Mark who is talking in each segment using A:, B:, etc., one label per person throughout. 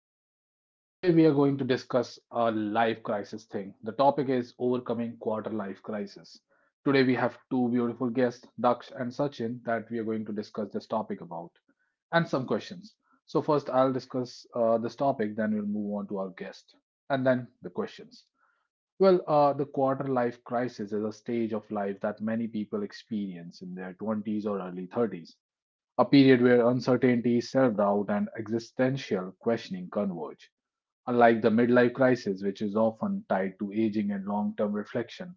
A: Naveen, and today we are going to discuss a life crisis thing. The topic is overcoming quarter life crisis. Today, we have two beautiful guests, Daksh and Sachin, that we are going to discuss this topic about and some questions. So, first, I'll discuss this topic, then, we'll move on to our guest and then the questions. Well, the quarter life crisis is a stage of life that many people experience in their 20s or early 30s, a period where uncertainty, self doubt, and existential questioning converge. Unlike the midlife crisis, which is often tied to aging and long term reflection,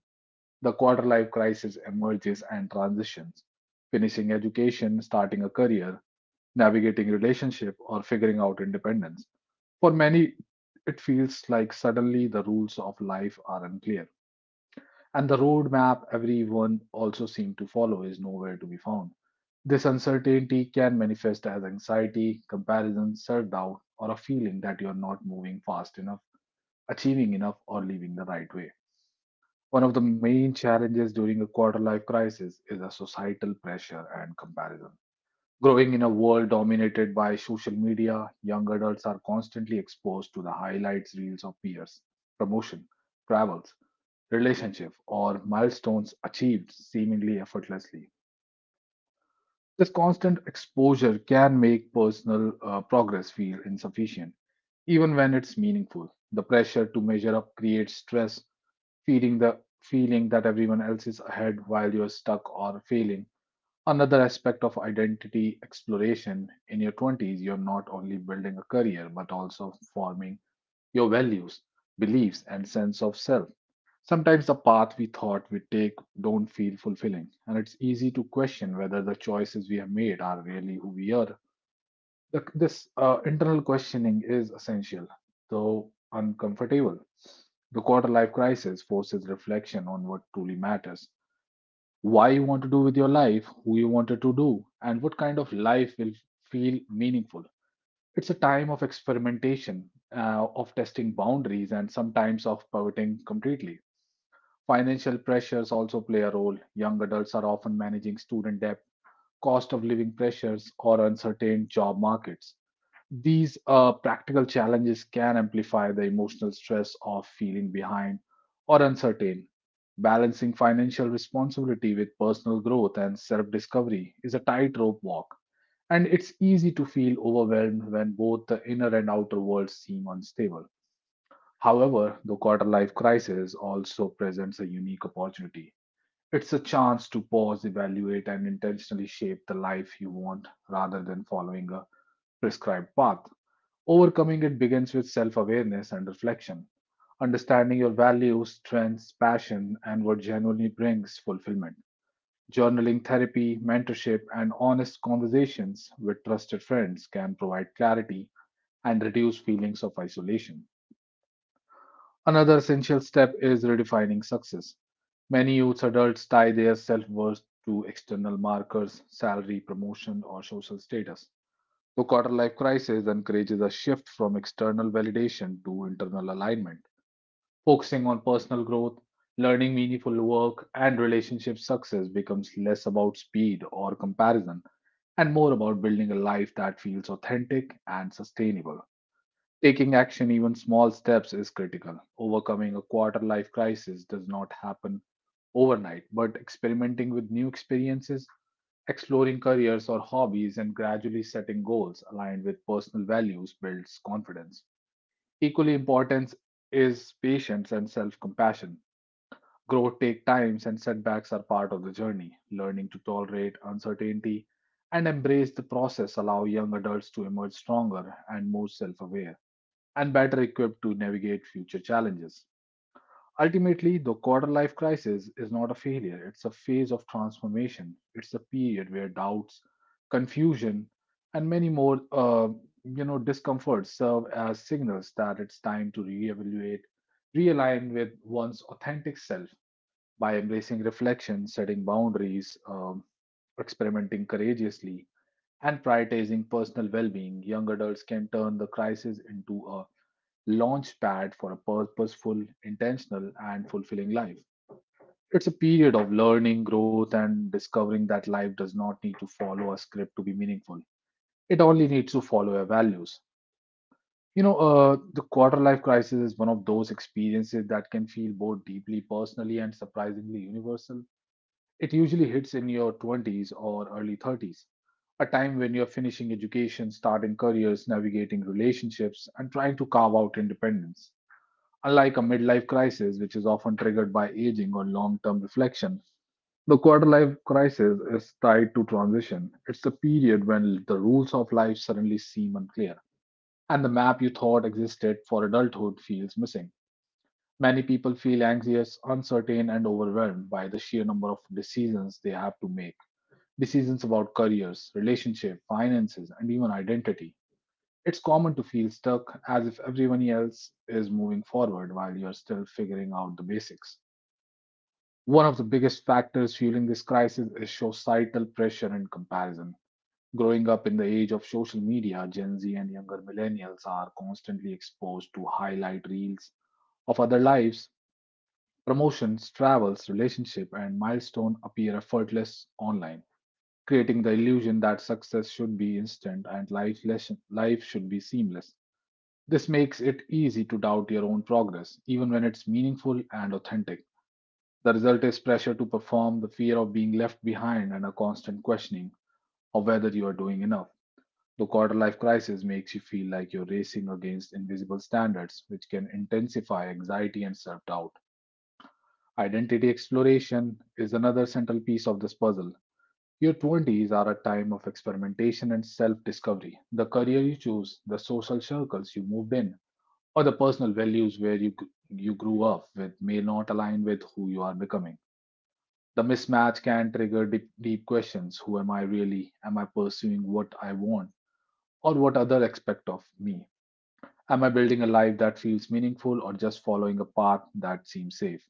A: the quarter life crisis emerges and transitions, finishing education, starting a career, navigating relationship, or figuring out independence. For many, it feels like suddenly the rules of life are unclear, and the roadmap everyone also seemed to follow is nowhere to be found. This uncertainty can manifest as anxiety, comparison, self doubt, or a feeling that you are not moving fast enough, achieving enough, or living the right way. One of the main challenges during a quarter life crisis is a societal pressure and comparison. Growing in a world dominated by social media, young adults are constantly exposed to the highlights reels of peers, promotion, travels, relationship, or milestones achieved seemingly effortlessly. This constant exposure can make personal progress feel insufficient, even when it's meaningful. The pressure to measure up creates stress, feeding the feeling that everyone else is ahead while you're stuck or failing. Another aspect of identity exploration in your 20s, you're not only building a career but also forming your values, beliefs, and sense of self. Sometimes the path we thought we'd take don't feel fulfilling, and it's easy to question whether the choices we have made are really who we are. This internal questioning is essential, though uncomfortable. The quarter life crisis forces reflection on what truly matters, why you want to do with your life, who you wanted to do, and what kind of life will feel meaningful. It's a time of experimentation, of testing boundaries, and sometimes of pivoting completely. Financial pressures also play a role. Young adults are often managing student debt, cost of living pressures, or uncertain job markets. These practical challenges can amplify the emotional stress of feeling behind or uncertain. Balancing financial responsibility with personal growth and self discovery is a tightrope walk, and it's easy to feel overwhelmed when both the inner and outer worlds seem unstable. However, the quarter life crisis also presents a unique opportunity. It's a chance to pause, evaluate, and intentionally shape the life you want rather than following a prescribed path. Overcoming it begins with self awareness and reflection, understanding your values, strengths, passion, and what genuinely brings fulfillment. Journaling therapy, mentorship, and honest conversations with trusted friends can provide clarity and reduce feelings of isolation. Another essential step is redefining success. Many youth adults tie their self worth to external markers, salary, promotion, or social status. The quarter life crisis encourages a shift from external validation to internal alignment. Focusing on personal growth, learning meaningful work, and relationship success becomes less about speed or comparison and more about building a life that feels authentic and sustainable. Taking action, even small steps, is critical. Overcoming a quarter life crisis does not happen overnight, but experimenting with new experiences, exploring careers or hobbies, and gradually setting goals aligned with personal values builds confidence. Equally important is patience and self compassion. Growth takes time, and setbacks are part of the journey. Learning to tolerate uncertainty and embrace the process allow young adults to emerge stronger and more self aware and better equipped to navigate future challenges. Ultimately, the quarter life crisis is not a failure, it's a phase of transformation. It's a period where doubts, confusion, and many more discomforts serve as signals that it's time to reevaluate, realign with one's authentic self by embracing reflection, setting boundaries, experimenting courageously, and prioritizing personal well-being. Young adults can turn the crisis into a launch pad for a purposeful, intentional, and fulfilling life. It's a period of learning, growth, and discovering that life does not need to follow a script to be meaningful. It only needs to follow your values. You know, the quarter life crisis is one of those experiences that can feel both deeply personally and surprisingly universal. It usually hits in your 20s or early 30s, a time when you're finishing education, starting careers, navigating relationships, and trying to carve out independence. Unlike a midlife crisis, which is often triggered by aging or long term reflection, the quarter life crisis is tied to transition. It's a period when the rules of life suddenly seem unclear, and the map you thought existed for adulthood feels missing. Many people feel anxious, uncertain, and overwhelmed by the sheer number of decisions they have to make decisions about careers, relationship, finances, and even identity. It's common to feel stuck as if everyone else is moving forward while you're still figuring out the basics. One of the biggest factors fueling this crisis is societal pressure and comparison. Growing up in the age of social media, Gen Z and younger millennials are constantly exposed to highlight reels of other lives. Promotions, travels, relationship, and milestone appear effortless online, creating the illusion that success should be instant and life, life should be seamless. This makes it easy to doubt your own progress, even when it's meaningful and authentic. The result is pressure to perform, the fear of being left behind, and a constant questioning of whether you are doing enough. The quarter life crisis makes you feel like you're racing against invisible standards, which can intensify anxiety and self doubt. Identity exploration is another central piece of this puzzle. Your 20s are a time of experimentation and self discovery. The career you choose, the social circles you moved in, or the personal values where you grew up with may not align with who you are becoming. The mismatch can trigger deep, deep questions. Who am I really? Am I pursuing what I want or what others expect of me? Am I building a life that feels meaningful or just following a path that seems safe?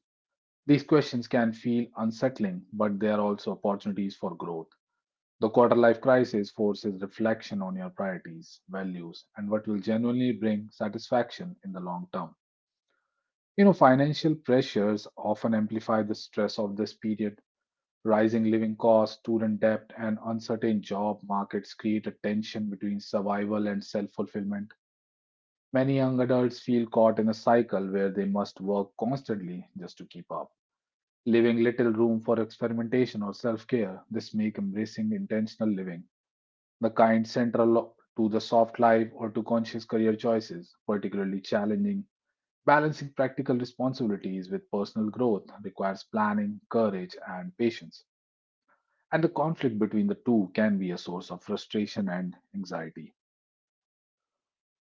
A: These questions can feel unsettling, but they are also opportunities for growth. The quarter life crisis forces reflection on your priorities, values, and what will genuinely bring satisfaction in the long term. You know, financial pressures often amplify the stress of this period. Rising living costs, student debt, and uncertain job markets create a tension between survival and self fulfillment. Many young adults feel caught in a cycle where they must work constantly just to keep up, leaving little room for experimentation or self care. This makes embracing intentional living, the kind central to the soft life or to conscious career choices, particularly challenging. Balancing practical responsibilities with personal growth requires planning, courage, and patience, and the conflict between the two can be a source of frustration and anxiety.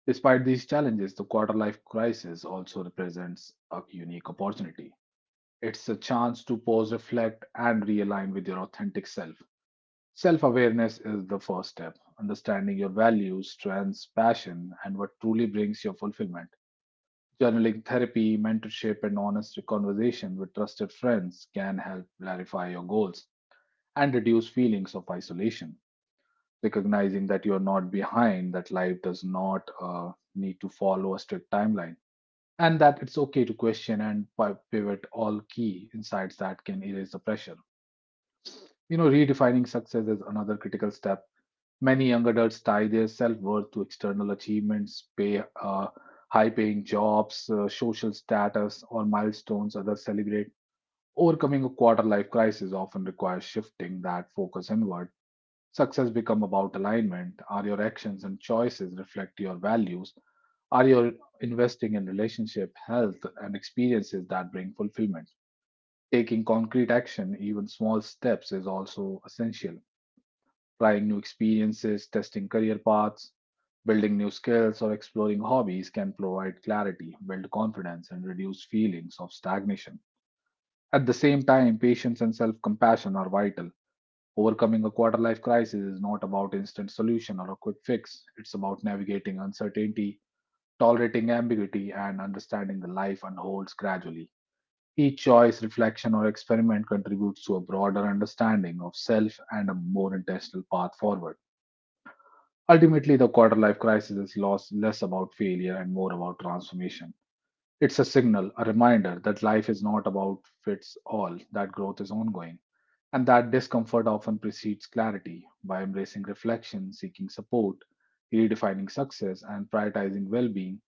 A: Despite these challenges, the quarter life crisis also represents a unique opportunity. It's a chance to pause, reflect, and realign with your authentic self. Self awareness is the first step, understanding your values, strengths, passion, and what truly brings your fulfillment. Journaling therapy, mentorship, and honest conversation with trusted friends can help clarify your goals and reduce feelings of isolation. Recognizing that you're not behind, that life does not need to follow a strict timeline, and that it's okay to question and pivot all key insights that can erase the pressure. You know, redefining success is another critical step. Many young adults tie their self worth to external achievements, pay, high paying jobs, social status, or milestones others celebrate. Overcoming a quarter life crisis often requires shifting that focus inward. Success become about alignment. Are your actions and choices reflect your values? Are you investing in relationship, health, and experiences that bring fulfillment? Taking concrete action, even small steps, is also essential. Trying new experiences, testing career paths, building new skills, or exploring hobbies can provide clarity, build confidence, and reduce feelings of stagnation. At the same time, patience and self compassion are vital. Overcoming a quarter life crisis is not about instant solution or a quick fix. It's about navigating uncertainty, tolerating ambiguity, and understanding the life unfolds gradually. Each choice, reflection, or experiment contributes to a broader understanding of self and a more intentional path forward. Ultimately, the quarter life crisis is loss, less about failure and more about transformation. It's a signal, a reminder that life is not about fits all, that growth is ongoing and that discomfort often precedes clarity. By embracing reflection, seeking support, redefining success, and prioritizing well being,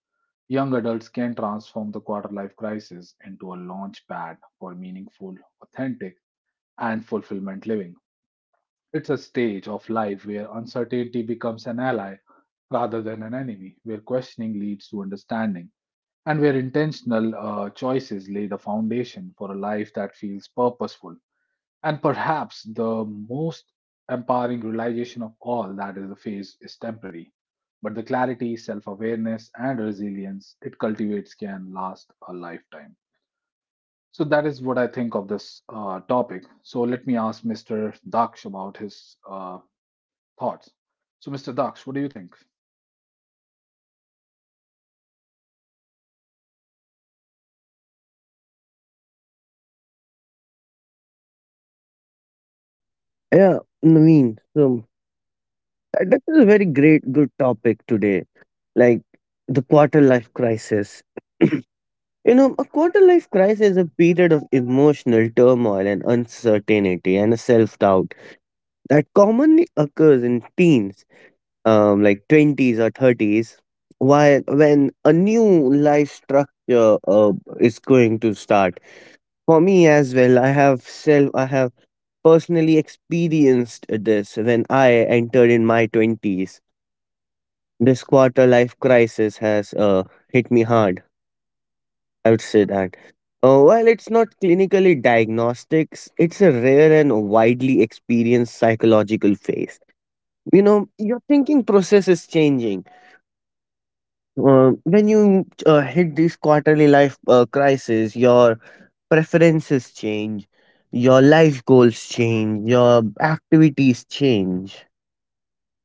A: young adults can transform the quarter life crisis into a launch pad for meaningful, authentic, and fulfillment living. It's a stage of life where uncertainty becomes an ally rather than an enemy, where questioning leads to understanding, and where intentional choices lay the foundation for a life that feels purposeful, and perhaps the most empowering realization of all that is the phase is temporary, but the clarity, self awareness, and resilience it cultivates can last a lifetime. So, that is what I think of this topic. So, let me ask Mr. Daksh about his thoughts. So, Mr. Daksh, what do you think?
B: Yeah, Naveen. So that is a very great, good topic today. Like the quarter life crisis. You know, a quarter life crisis is a period of emotional turmoil and uncertainty and self doubt that commonly occurs in teens, like 20s or 30s, while when a new life structure is going to start. For me as well, I have personally experienced this when I entered in my 20s. This quarter life crisis has hit me hard. I would say that. While it's not clinically diagnostics, it's a rare and widely experienced psychological phase. You know, your thinking process is changing. When you hit this quarterly life crisis, your preferences change, your life goals change, your activities change.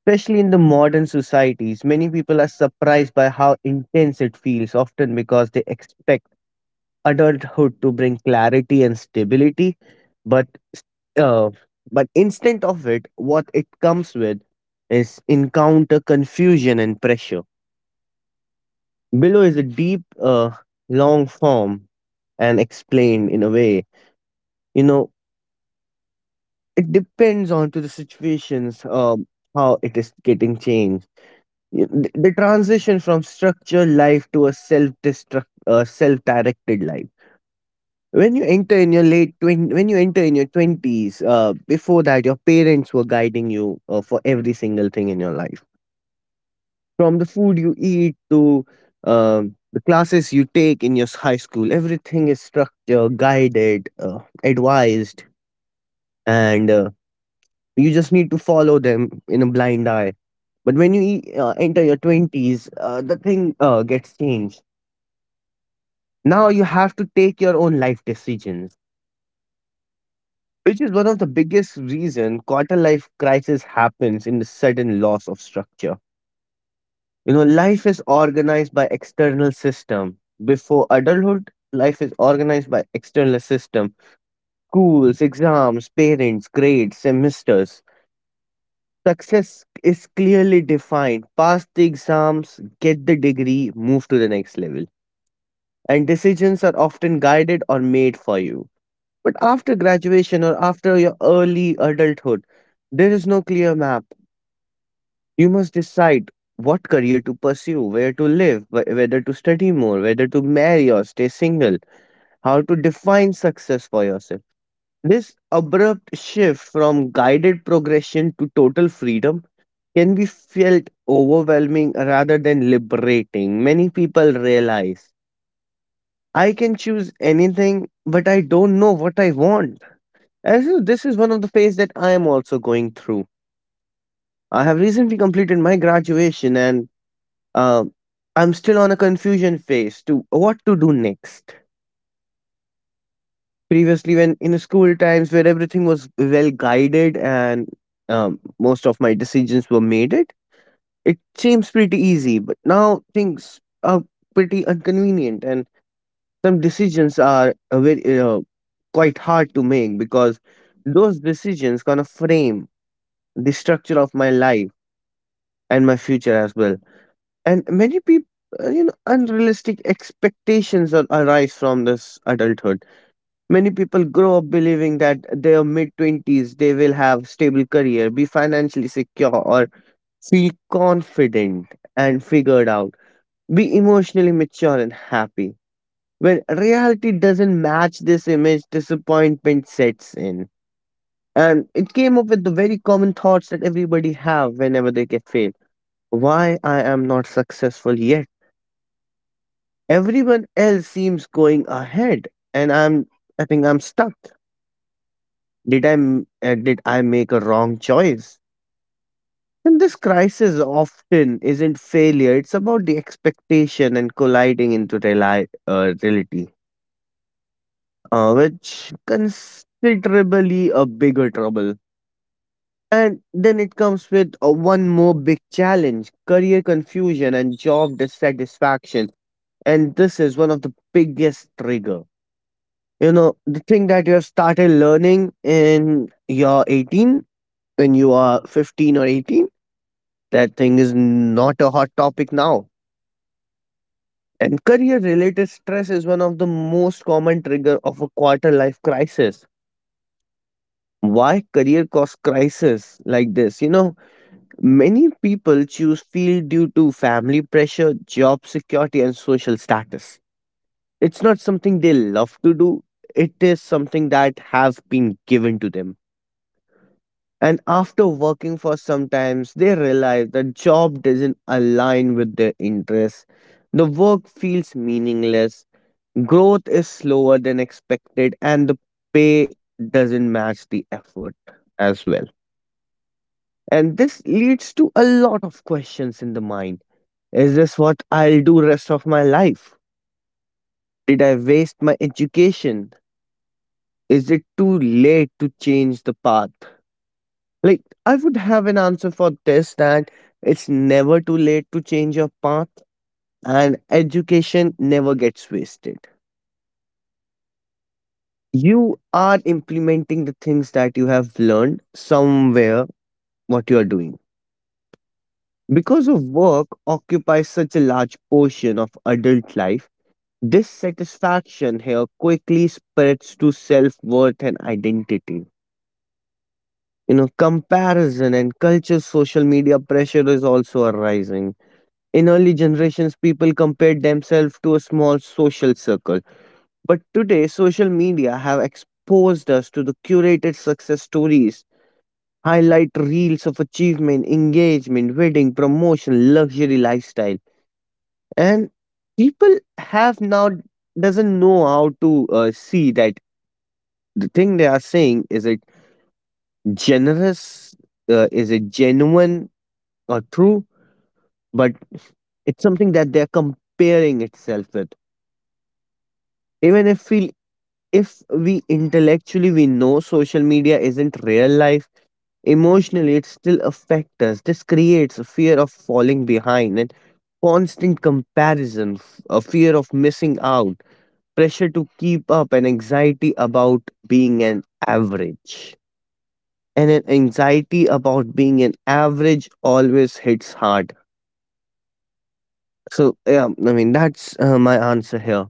B: Especially in the modern societies, many people are surprised by how intense it feels, often because they expect adulthood to bring clarity and stability. But uh, but instead of it, what it comes with is encounter confusion and pressure. Below is a deep, long form and explained in a way. You know, it depends on to the situations, how it is getting changed. The transition from structured life to a self-directed life. When you enter in your twenties, before that, your parents were guiding you for every single thing in your life. From the food you eat to the classes you take in your high school, everything is structured, guided, advised, and you just need to follow them in a blind eye. But when you enter your 20s, the thing gets changed. Now you have to take your own life decisions, which is one of the biggest reason quarter life crisis happens in the sudden loss of structure. You know, life is organized by external system. Before adulthood, life is organized by external system. Schools, exams, parents, grades, semesters. Success is clearly defined. Pass the exams, get the degree, move to the next level. And decisions are often guided or made for you. But after graduation or after your early adulthood, there is no clear map. You must decide what career to pursue, where to live, whether to study more, whether to marry or stay single, how to define success for yourself. This abrupt shift from guided progression to total freedom can be felt overwhelming rather than liberating. Many people realize I can choose anything, but I don't know what I want. And so this is one of the phase that I am also going through. I have recently completed my graduation, and Um, I'm still on a confusion phase to what to do next. Previously, when in school times where everything was well guided and most of my decisions were made, it seems pretty easy. But now things are pretty inconvenient, and some decisions are very quite hard to make because those decisions gonna frame the structure of my life and my future as well. And many people, you know, unrealistic expectations that arise from this adulthood. Many people grow up believing that their mid 20s they will have stable career, be financially secure or feel confident and figured out, be emotionally mature and happy. When reality doesn't match this image, disappointment sets in, and it came up with the very common thoughts that everybody have whenever they get failed. Why I am not successful yet? Everyone else seems going ahead, and I think I'm stuck. Did I make a wrong choice? And this crisis often isn't failure. It's about the expectation and colliding into reality, which considerably a bigger trouble. And then it comes with one more big challenge: career confusion and job dissatisfaction. And this is one of the biggest trigger. You know, the thing that you have started learning in your 18, when you are 15 or 18, that thing is not a hot topic now. And career related stress is one of the most common trigger of a quarter life crisis. Why career cost crisis like this? You know, many people choose field due to family pressure, job security and social status. It's not something they love to do. It is something that have been given to them. And after working for some times, they realize the job doesn't align with their interests. The work feels meaningless, growth is slower than expected, and the pay doesn't match the effort as well. And this leads to a lot of questions in the mind. Is this what I'll do rest of my life? Did I waste my education? Is it too late to change the path? Like, I would have an answer for this that it's never too late to change your path, and education never gets wasted. You are implementing the things that you have learned somewhere, what you are doing. Because of work occupies such a large portion of adult life, dissatisfaction here quickly spreads to self worth and identity. You know, comparison and culture, social media pressure is also arising. In early generations, people compared themselves to a small social circle. But today, social media have exposed us to the curated success stories, highlight reels of achievement, engagement, wedding, promotion, luxury lifestyle. And people have now doesn't know how to see that the thing they are saying, is it generous, is it genuine or true, but it's something that they're comparing itself with. Even if we, intellectually we know social media isn't real life, emotionally it still affects us. This creates a fear of falling behind and constant comparison, a fear of missing out, pressure to keep up, and anxiety about being an average. And an anxiety about being an average always hits hard. So yeah, I mean, that's my answer here.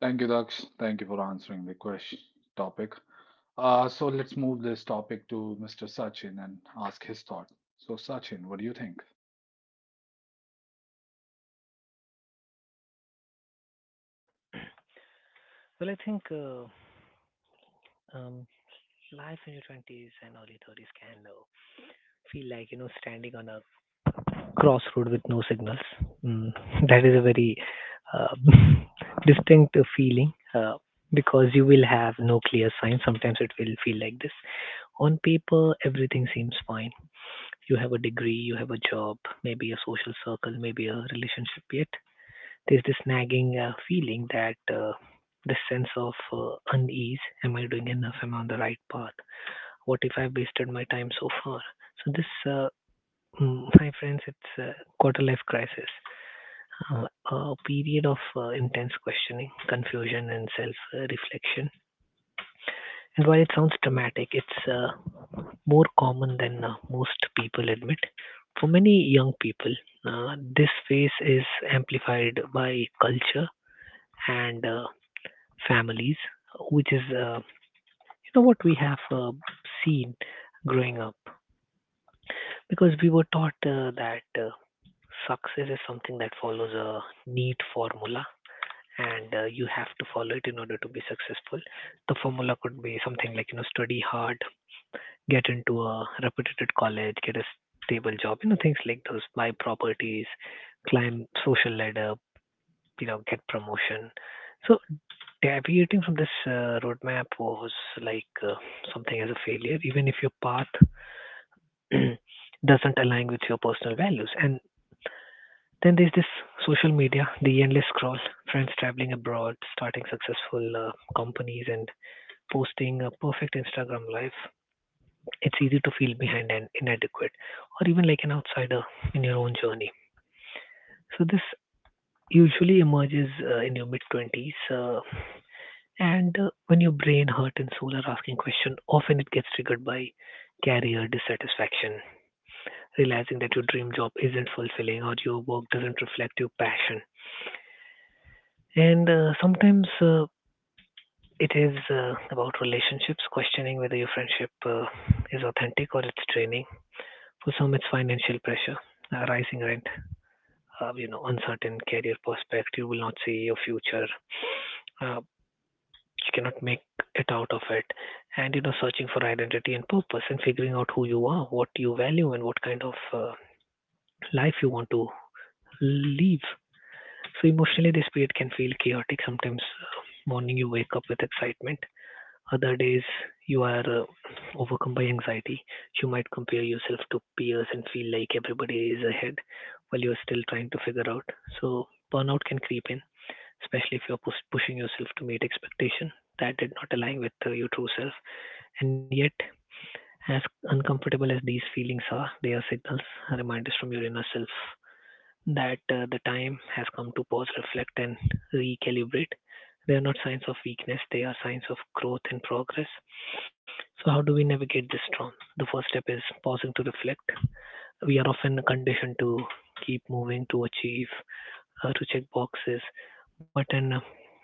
A: Thank you, Daksh. Thank you for answering the question topic. So, let's move this topic to Mr. Sachin and ask his thought. So, Sachin, what do you think?
C: Well, I think um, life in your 20s and early 30s can feel like, you know, standing on a crossroad with no signals. Mm, that is a very uh, distinct feeling uh, because you will have no clear sign. Sometimes it will feel like this. On paper, everything seems fine. You have a degree, you have a job, maybe a social circle, maybe a relationship, yet there's this nagging feeling that this sense of unease. Am I doing enough? Am I on the right path? What if I've wasted my time so far? So, this, my friends, it's a quarter life crisis. A period of intense questioning, confusion, and self reflection. And while it sounds dramatic, it's more common than most people admit. For many young people, this phase is amplified by culture and families, which is, you know, what we have seen growing up. Because we were taught that success is something that follows a neat formula, and you have to follow it in order to be successful. The formula could be something like, you know, study hard, get into a reputed college, get a stable job, you know, things like those, buy properties, climb social ladder, you know, get promotion. So yeah, deviating from this roadmap was like something as a failure, even if your path doesn't align with your personal values. And then there's this social media, the endless scroll, friends traveling abroad, starting successful companies, and posting a perfect Instagram life. It's easy to feel behind and inadequate, or even like an outsider in your own journey. So this usually emerges in your mid 20s. And when your brain hurt and soul are asking question, often it gets triggered by career dissatisfaction, realizing that your dream job isn't fulfilling or your work doesn't reflect your passion. And sometimes it is about relationships, questioning whether your friendship is authentic or it's draining. For some, it's financial pressure, rising rent, you know, uncertain career prospect. You will not see your future. Uh, you cannot make it out of it, and you know, searching for identity and purpose, and figuring out who you are, what you value, and what kind of life you want to live. So emotionally this period can feel chaotic. Sometimes morning you wake up with excitement, other days you are overcome by anxiety. You might compare yourself to peers and feel like everybody is ahead while you're still trying to figure out. So burnout can creep in, especially if you're pushing yourself to meet expectation that did not align with your true self. And yet, as uncomfortable as these feelings are, they are signals, reminders from your inner self that the time has come to pause, reflect, and recalibrate. They are not signs of weakness, they are signs of growth and progress. So, how do we navigate this storm? The first step is pausing to reflect. We are often conditioned to keep moving, to achieve, to check boxes, but in a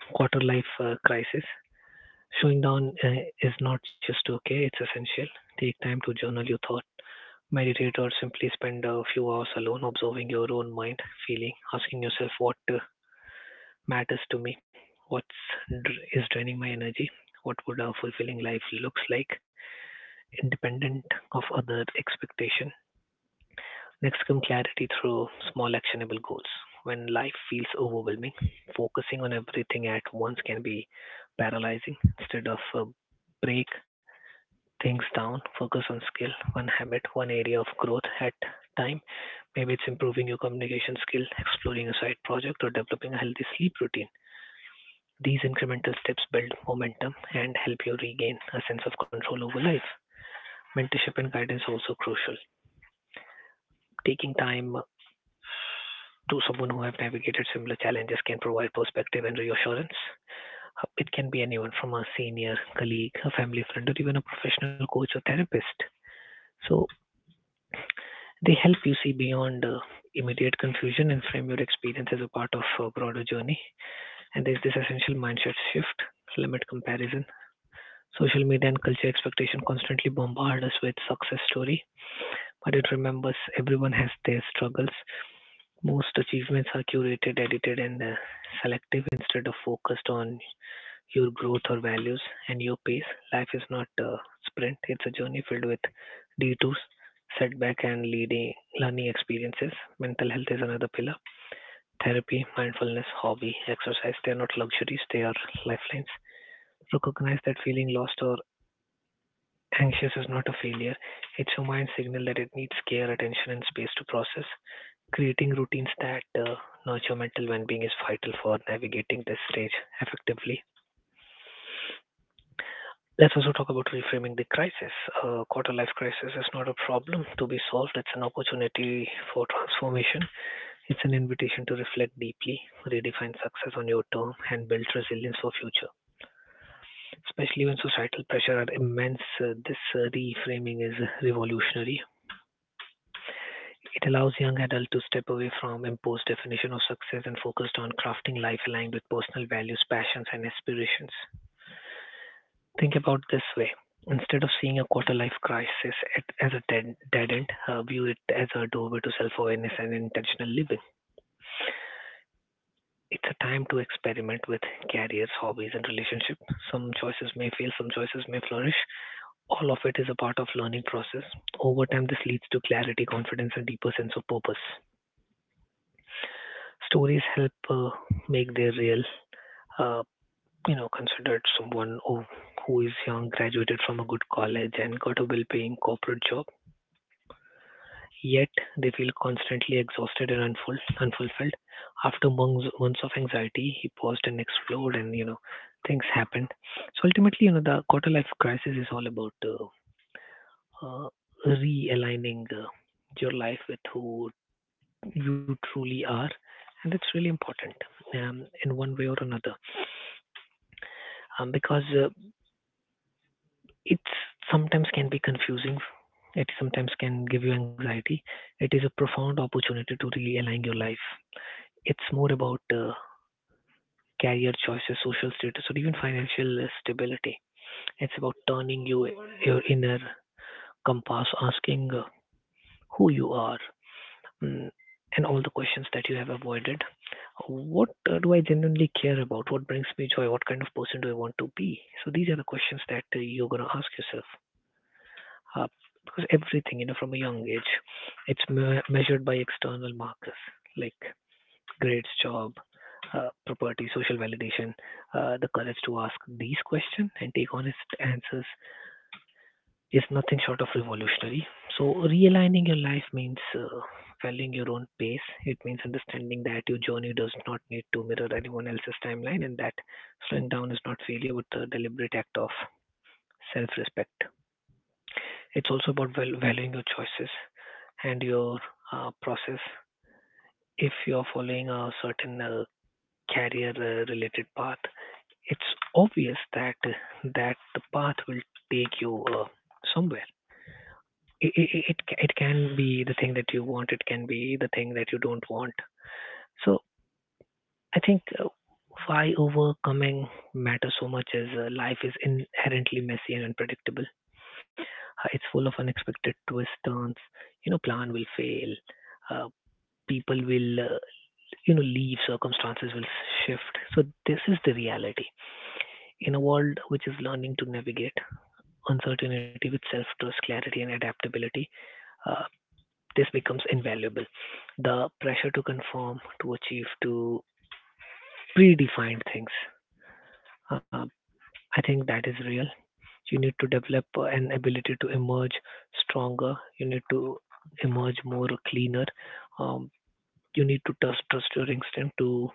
C: quarter life crisis, showing down is not just okay, it's essential. Take time to journal your thought, meditate, or simply spend a few hours alone observing your own mind, feeling, asking yourself what matters to me, what is draining my energy, what would a fulfilling life looks like, independent of other expectation. Mexican clarity through small actionable goals. When life feels overwhelming, focusing on everything at once can be paralyzing. Instead of break things down, focus on skill, one habit, one area of growth at time. Maybe it's improving your communication skill, exploring a side project, or developing a healthy sleep routine. These incremental steps build momentum and help you regain a sense of control over life. Mentorship and guidance are also crucial. Taking time to someone who have navigated similar challenges can provide perspective and reassurance. It can be anyone from a senior, colleague, a family friend, or even a professional coach or therapist. So they help you see beyond immediate confusion and frame your experience as a part of a broader journey. And there's this essential mindset shift, limit comparison. Social media and culture expectation constantly bombard us with success story, but it remembers everyone has their struggles. Most achievements are curated, edited, and selective. Instead of focused on your growth or values and your pace. Life is not a sprint, it's a journey filled with detours, setback, and leading, learning experiences. Mental health is another pillar. Therapy, mindfulness, hobby, exercise, they are not luxuries, they are lifelines. Recognize that feeling lost or anxious is not a failure, it's your mind signal that it needs care, attention, and space to process. Creating routines that nurture mental well-being is vital for navigating this stage effectively. Let's also talk about reframing the crisis. Quarter life crisis is not a problem to be solved, it's an opportunity for transformation. It's an invitation to reflect deeply, redefine success on your term, and build resilience for future. Especially when societal pressure are immense, this reframing is revolutionary. It allows young adults to step away from imposed definition of success and focused on crafting life aligned with personal values, passions, and aspirations. Think about this way. Instead of seeing a quarter life crisis at, as a dead end, view it as a doorway to self awareness and intentional living. It's a time to experiment with careers, hobbies, and relationship. Some choices may fail, some choices may flourish. All of it is a part of learning process. Over time, this leads to clarity, confidence, and deeper sense of purpose. Stories help make their real. Uh, you know, considered someone who is young, graduated from a good college, and got a well-paying corporate job. Yet they feel constantly exhausted and unfulfilled. After months of anxiety, he paused and explored, and you know, things happened. So ultimately, you know, the quarter life crisis is all about uh, realigning your life with who you truly are, and that's really important um, in one way or another. Because it sometimes can be confusing. It sometimes can give you anxiety. It is a profound opportunity to realign your life. It's more about career choices, social status, or even financial stability. It's about turning your inner compass, asking who you are, mm, and all the questions that you have avoided. What do I genuinely care about? What brings me joy? What kind of person do I want to be? So these are the questions that you're gonna ask yourself. uh, because everything, you know, from a young age, it's measured by external markers like grades, job, property, social validation. The courage to ask these questions and take honest answers is nothing short of revolutionary. So, realigning your life means following your own pace. It means understanding that your journey does not need to mirror anyone else's timeline, and that slowing down is not failure but a deliberate act of self respect. It's also about valuing your choices and your process. If you're following a certain career related path, it's obvious that the path will take you somewhere. it, it, it it can be the thing that you want, it can be the thing that you don't want. So I think why overcoming matters so much is, life is inherently messy and unpredictable. It's full of unexpected twists turns. You know, plan will fail. uh, people will you know, leave, circumstances will shift. So this is the reality. In a world which is learning to navigate uncertainty with self-trust, clarity, and adaptability, uh, this becomes invaluable. The pressure to conform, to achieve, to predefine things. Uh, I think that is real. You need to develop an ability to emerge stronger. You need to emerge more cleaner. Um, you need to trust your instinct to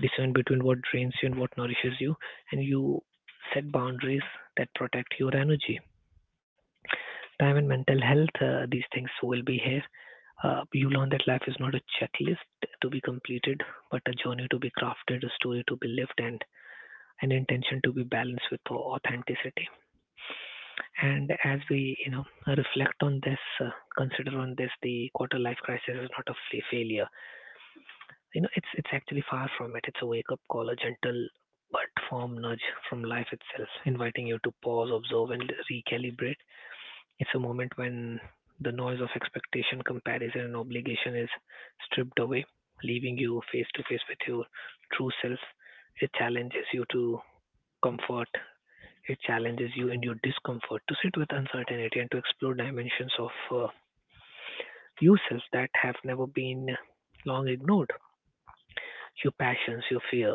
C: discern between what drains you and what nourishes you, and you set boundaries that protect your energy. Time and mental health, these things will be here. You learn that life is not a checklist to be completed, but a journey to be crafted, a story to be lived, and an intention to be balanced with authenticity. And as we, you know, reflect on this, consider on this, the quarter life crisis is not a failure. You know, it's actually far from it. It's a wake up call, a gentle but firm nudge from life itself, inviting you to pause, observe, and recalibrate. It's a moment when the noise of expectation, comparison, and obligation is stripped away, leaving you face to face with your true self. It challenges you to comfort. It challenges you in your discomfort to sit with uncertainty and to explore dimensions of yourself that have never been long ignored. Your passions, your fear,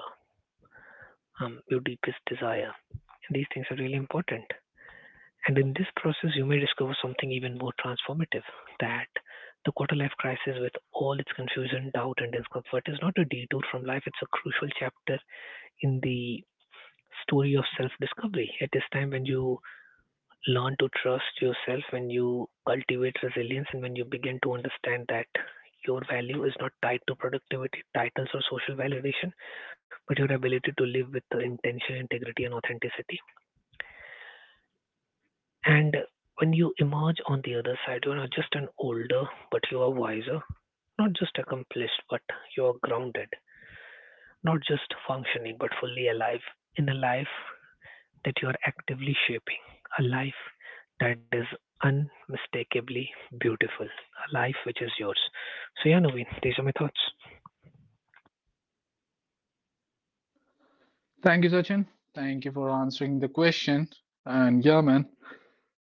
C: your deepest desire. These things are really important. And in this process, you may discover something even more transformative that the quarter life crisis, with all its confusion, doubt, and discomfort, is not a detour from life. It's a crucial chapter in the story of self discovery. Is time, when you learn to trust yourself, when you cultivate resilience, and when you begin to understand that your value is not tied to productivity, titles, or social validation, but your ability to live with the intention, integrity, and authenticity. And when you emerge on the other side, you're not just an older, but you are wiser, not just accomplished, but you are grounded, not just functioning, but fully alive in a life that you are actively shaping, a life that is unmistakably beautiful, a life which is yours. So, yeah, Naveen, these are my thoughts.
A: Thank you, Sachin. Thank you for answering the question. And yeah, man.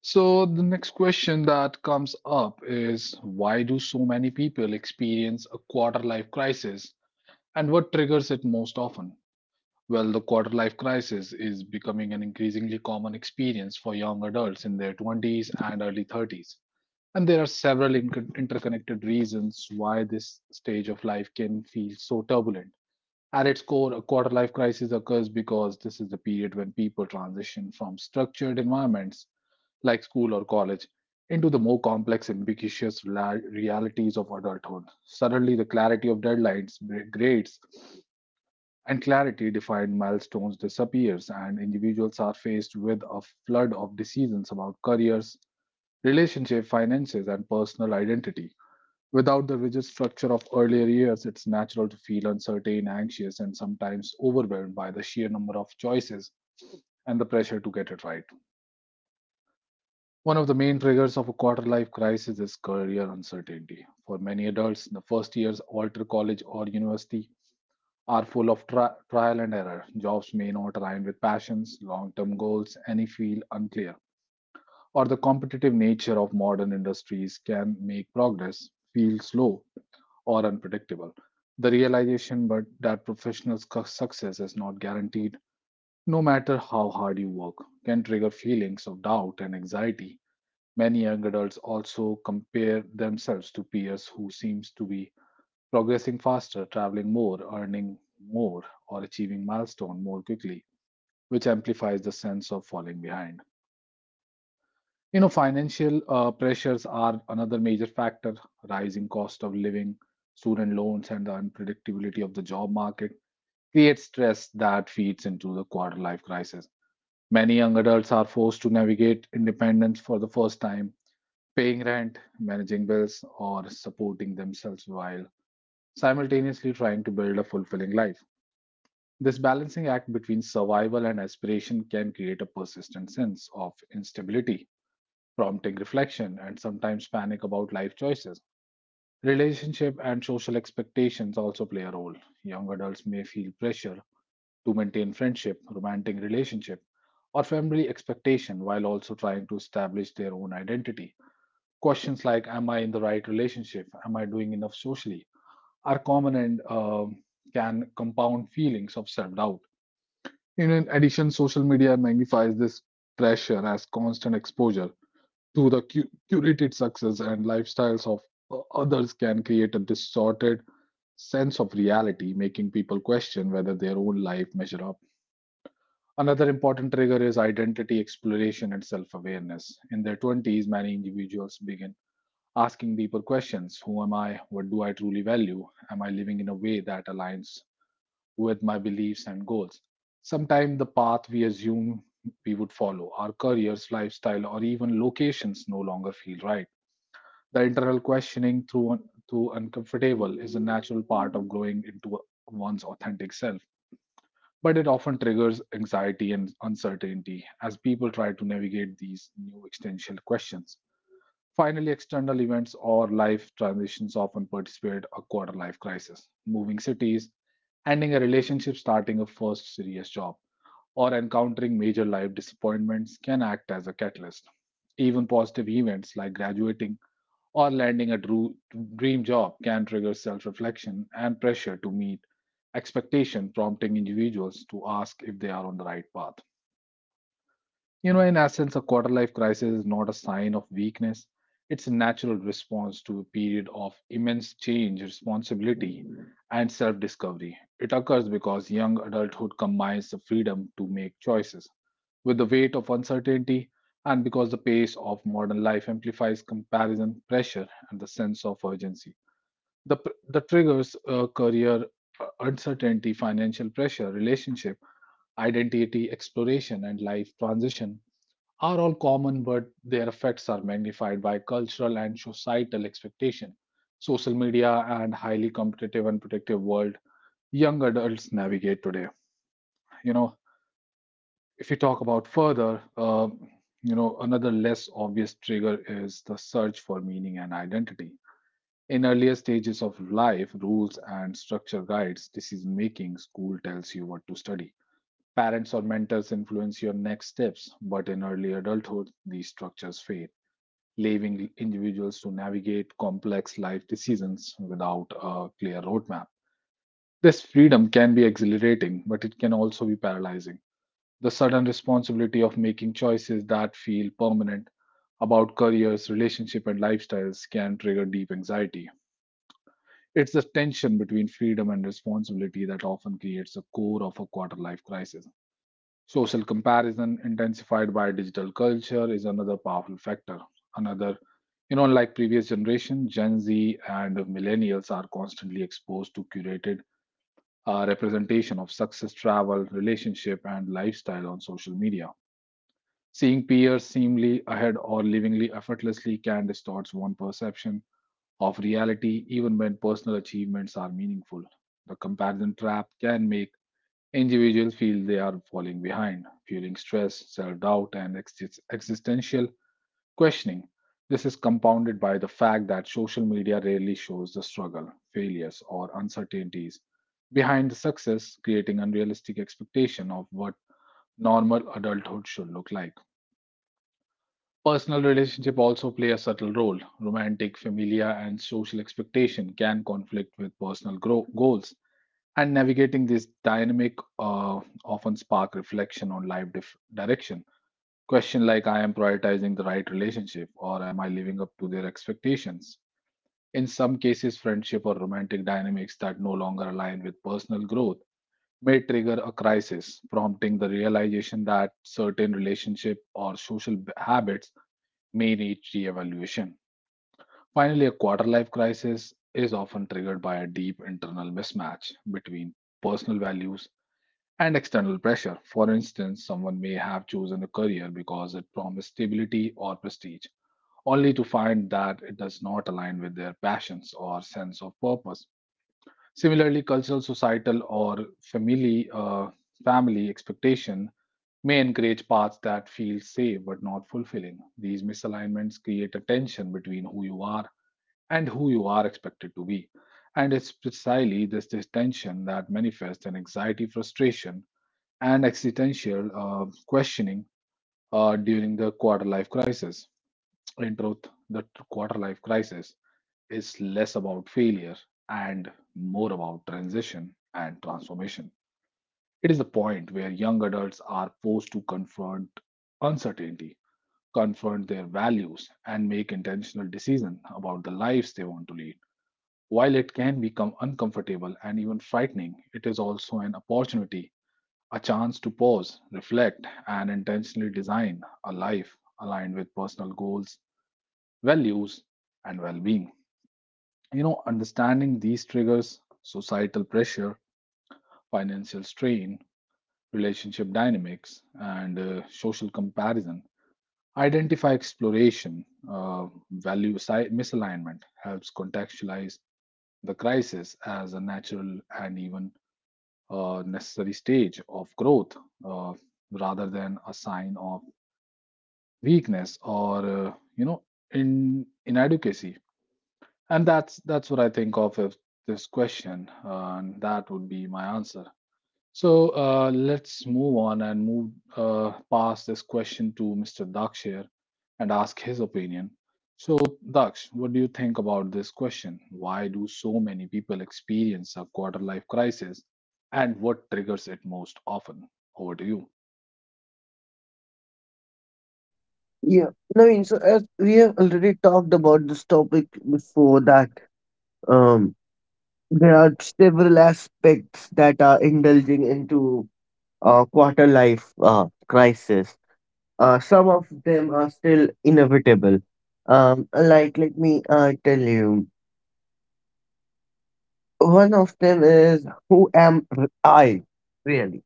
A: So the next question that comes up is, why do so many people experience a quarter life crisis and what triggers it most often? Well, the quarter life crisis is becoming an increasingly common experience for young adults in their 20s and early 30s. And there are several interconnected reasons why this stage of life can feel so turbulent. At its core, a quarter life crisis occurs because this is the period when people transition from structured environments like school or college into the more complex, ambiguous realities of adulthood. Suddenly, the clarity of deadlines, grades, and clarity defined milestones disappears, and individuals are faced with a flood of decisions about careers, relationship, finances, and personal identity. Without the rigid structure of earlier years, it's natural to feel uncertain, anxious, and sometimes overwhelmed by the sheer number of choices and the pressure to get it right. One of the main triggers of a quarter life crisis is career uncertainty. For many adults, the first years after college or university are full of trial and error. Jobs may not align with passions, long term goals, and feel unclear. Or the competitive nature of modern industries can make progress feel slow or unpredictable. The realization but that professional success is not guaranteed, no matter how hard you work, can trigger feelings of doubt and anxiety. Many young adults also compare themselves to peers who seems to be progressing faster, traveling more, earning more, or achieving milestone more quickly, which amplifies the sense of falling behind. You know, financial pressures are another major factor. Rising cost of living, student loans, and the unpredictability of the job market creates stress that feeds into the quarter life crisis. Many young adults are forced to navigate independence for the first time, paying rent, managing bills, or supporting themselves while simultaneously trying to build a fulfilling life. This balancing act between survival and aspiration can create a persistent sense of instability, prompting reflection and sometimes panic about life choices. Relationship and social expectations also play a role. Young adults may feel pressure to maintain friendship, romantic relationship, or family expectation while also trying to establish their own identity. Questions like, am I in the right relationship? Am I doing enough socially? Are common and can compound feelings of self-doubt. In addition, social media magnifies this pressure, as constant exposure to the curated success and lifestyles of others can create a distorted sense of reality, making people question whether their own life measure up. Another important trigger is identity exploration and self awareness. In their 20s, many individuals begin asking deeper questions. Who am I? What do I truly value? Am I living in a way that aligns with my beliefs and goals? Sometimes the path we assume we would follow, our careers, lifestyle, or even locations no longer feel right. The internal questioning through uncomfortable is a natural part of growing into one's authentic self, but it often triggers anxiety and uncertainty as people try to navigate these new existential questions. Finally, external events or life transitions often precipitate a quarter life crisis. Moving cities, ending a relationship, starting a first serious job, or encountering major life disappointments can act as a catalyst. Even positive events like graduating or landing a dream job can trigger self reflection and pressure to meet expectation, prompting individuals to ask if they are on the right path. You know, in essence, a quarter life crisis is not a sign of weakness, it's a natural response to a period of immense change, responsibility, and self discovery. It occurs because young adulthood combines the freedom to make choices with the weight of uncertainty, and because the pace of modern life amplifies comparison, pressure, and the sense of urgency. The triggers, career uncertainty, financial pressure, relationship, identity exploration, and life transition are all common, but their effects are magnified by cultural and societal expectation. Social media and highly competitive and protective world young adults navigate today. You know, if you talk about further, you know, another less obvious trigger is the search for meaning and identity. In earlier stages of life, rules and structure guides decision making. School tells you what to study. Parents or mentors influence your next steps, but in early adulthood, these structures fade, leaving individuals to navigate complex life decisions without a clear roadmap. This freedom can be exhilarating, but it can also be paralyzing. The sudden responsibility of making choices that feel permanent about careers, relationship, and lifestyles can trigger deep anxiety. It's the tension between freedom and responsibility that often creates the core of a quarter life crisis. Social comparison, intensified by digital culture, is another powerful factor. Another, you know, like previous generation, Gen Z and millennials are constantly exposed to curated representation of success, travel, relationship, and lifestyle on social media. Seeing peers seemingly ahead or livingly effortlessly can distort one's perception of reality, even when personal achievements are meaningful. The comparison trap can make individuals feel they are falling behind, fueling stress, self doubt, and existential questioning. This is compounded by the fact that social media rarely shows the struggle, failures, or uncertainties behind the success, creating unrealistic expectation of what normal adulthood should look like. Personal relationship also play a subtle role. Romantic, familiar, and social expectation can conflict with personal goals, and navigating this dynamic often spark reflection on life direction. Question like, I am prioritizing the right relationship, or am I living up to their expectations? In some cases, friendship or romantic dynamics that no longer align with personal growth may trigger a crisis, prompting the realization that certain relationship or social habits may need re-evaluation. Finally, a quarter life crisis is often triggered by a deep internal mismatch between personal values and external pressure. For instance, someone may have chosen a career because it promised stability or prestige, only to find that it does not align with their passions or sense of purpose. Similarly, cultural, societal, or family, uh, family expectation may encourage paths that feel safe but not fulfilling. These misalignments create a tension between who you are and who you are expected to be. And it's precisely this tension that manifests in anxiety, frustration, and existential questioning during the quarter life crisis. In truth, the quarter life crisis is less about failure and more about transition and transformation. It is the point where young adults are forced to confront uncertainty, confront their values, and make intentional decisions about the lives they want to lead. While it can become uncomfortable and even frightening, it is also an opportunity, a chance to pause, reflect, and intentionally design a life aligned with personal goals, values, and well being. You know, understanding these triggers, societal pressure, financial strain, relationship dynamics, and social comparison, identify exploration, value misalignment helps contextualize the crisis as a natural and even necessary stage of growth, uh, rather than a sign of weakness, or you know, in inadequacy. And that's what I think of if this question, and that would be my answer. So let's move on and move past this question to Mr. Daksh here and ask his opinion. So, Daksh, what do you think about this question? Why do so many people experience a quarter life crisis and what triggers it most often? Over to you.
B: Yeah, Naveen, so as we have already talked about this topic before that, um, there are several aspects that are indulging into quarter life crisis. Some of them are still inevitable. Like, let me tell you, one of them is I really?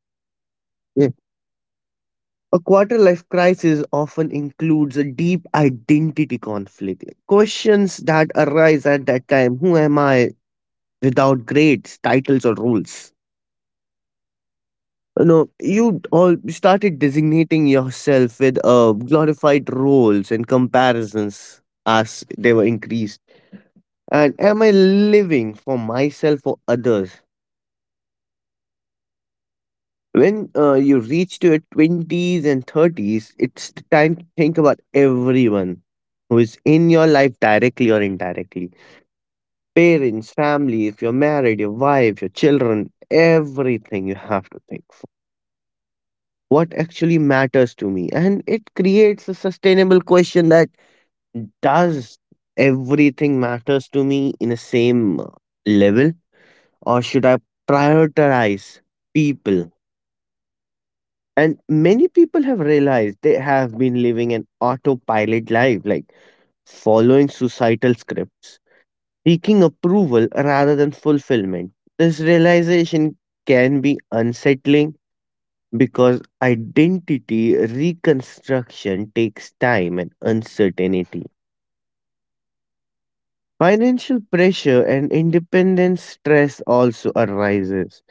B: A quarter life crisis often includes a deep identity conflict. Like, questions that arise at that time: who am I without grades, titles, or roles? You know, you all started designating yourself with glorified roles and comparisons as they were increased. And am I living for myself or others? When you reach to your 20s and 30s, it's the time to think about everyone who is in your life directly or indirectly. Parents, family, if you're married, your wife, your children, everything you have to think for. What actually matters to me? And it creates a sustainable question that does everything matters to me in the same level, or should I prioritize people? And many people have realized they have been living an autopilot life, like following societal scripts, seeking approval rather than fulfillment. This realization can be unsettling because identity reconstruction takes time and uncertainty. Financial pressure and independence stress also arises.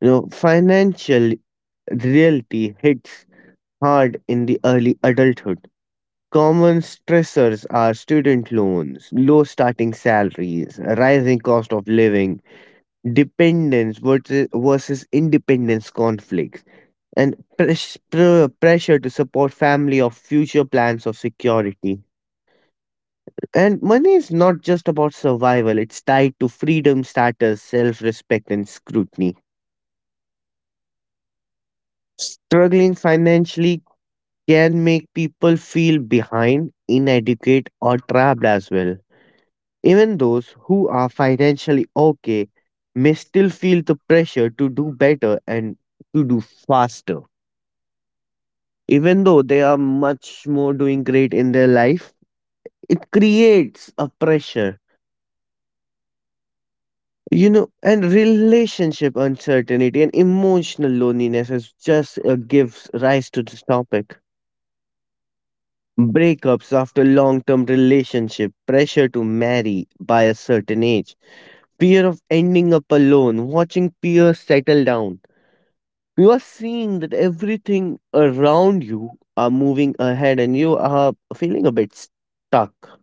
B: You know, financial reality hits hard in the early adulthood. Common stressors are student loans, low starting salaries, rising cost of living, dependence versus independence conflicts, and pressure to support family or future plans of security. And money is not just about survival, it's tied to freedom, status, self respect, and scrutiny. Struggling financially can make people feel behind, inadequate, or trapped as well. Even those who are financially okay may still feel the pressure to do better and to do faster. Even though they are much more doing great in their life, it creates a pressure. You know, and relationship uncertainty and emotional loneliness is just gives rise to this topic. Breakups after long term relationship, pressure to marry by a certain age, fear of ending up alone, watching peers settle down. You are seeing that everything around you are moving ahead, and you are feeling a bit stuck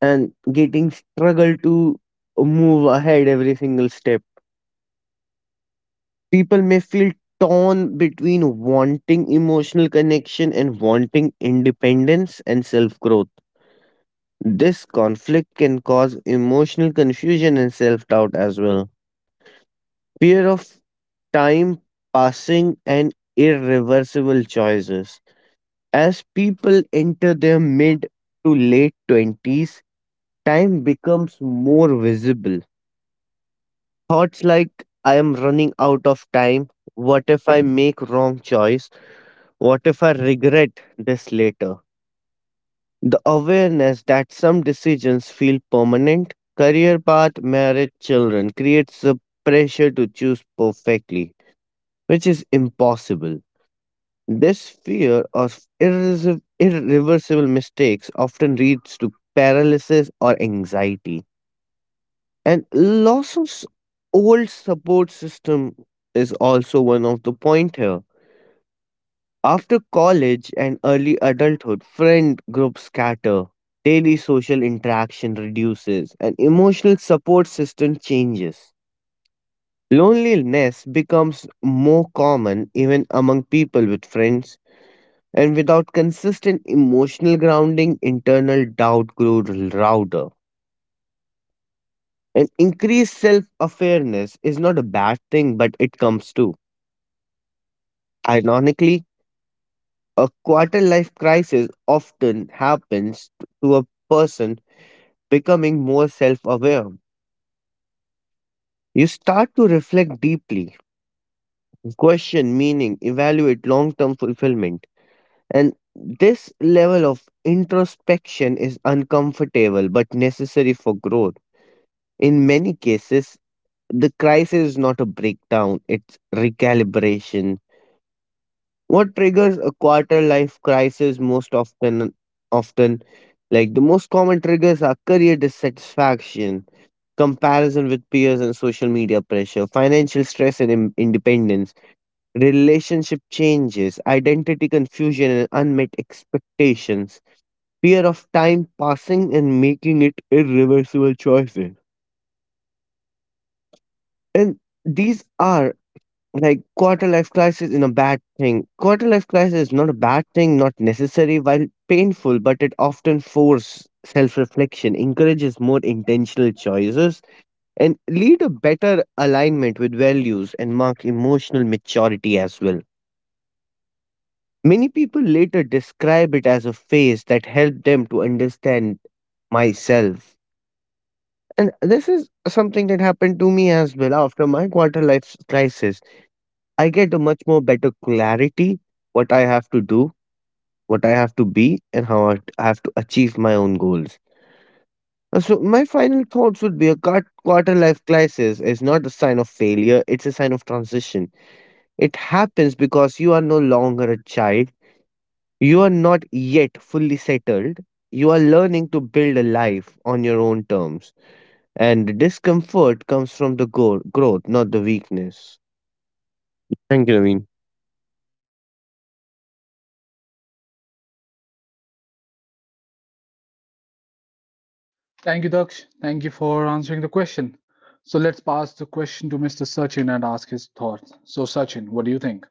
B: and getting struggle to move ahead every single step. People may feel torn between wanting emotional connection and wanting independence and self growth. This conflict can cause emotional confusion and self doubt as well. Fear of time passing and irreversible choices. As people enter their mid to late 20s, time becomes more visible. Thoughts like, I am running out of time. What if I make wrong choice? What if I regret this later? The awareness that some decisions feel permanent, career path, marriage, children, creates a pressure to choose perfectly, which is impossible. This fear of irreversible mistakes often leads to paralysis or anxiety. And loss of old support system is also one of the point here. After college and early adulthood, friend groups scatter, daily social interaction reduces, and emotional support system changes. Loneliness becomes more common even among people with friends. And without consistent emotional grounding, internal doubt grew louder. And increased self awareness is not a bad thing, but it comes too. Ironically, a quarter life crisis often happens to a person becoming more self aware. You start to reflect deeply, question meaning, evaluate long term fulfillment. And this level of introspection is uncomfortable but necessary for growth. In many cases, the crisis is not a breakdown, it's recalibration. What triggers a quarter life crisis most often? Like, the most common triggers are career dissatisfaction, comparison with peers and social media pressure, financial stress and independence, relationship changes, identity confusion and unmet expectations, fear of time passing and making it irreversible choices. And these are like, quarter life crisis is not a bad thing, not necessary, while painful, but it often forces self-reflection, encourages more intentional choices and lead a better alignment with values and mark emotional maturity as well. Many people later describe it as a phase that helped them to understand myself. And this is something that happened to me as well. After my quarter life crisis, I get a much more better clarity what I have to do, what I have to be, and how I have to achieve my own goals. So my final thoughts would be, a quarter life crisis is not a sign of failure; it's a sign of transition. It happens because you are no longer a child. You are not yet fully settled. You are learning to build a life on your own terms, and the discomfort comes from the growth, not the weakness. Thank you, Naveen.
A: Thank you, Daksh. Thank you for answering the question. So, let's pass the question to Mr. Sachin and ask his thoughts. So, Sachin, what do you think?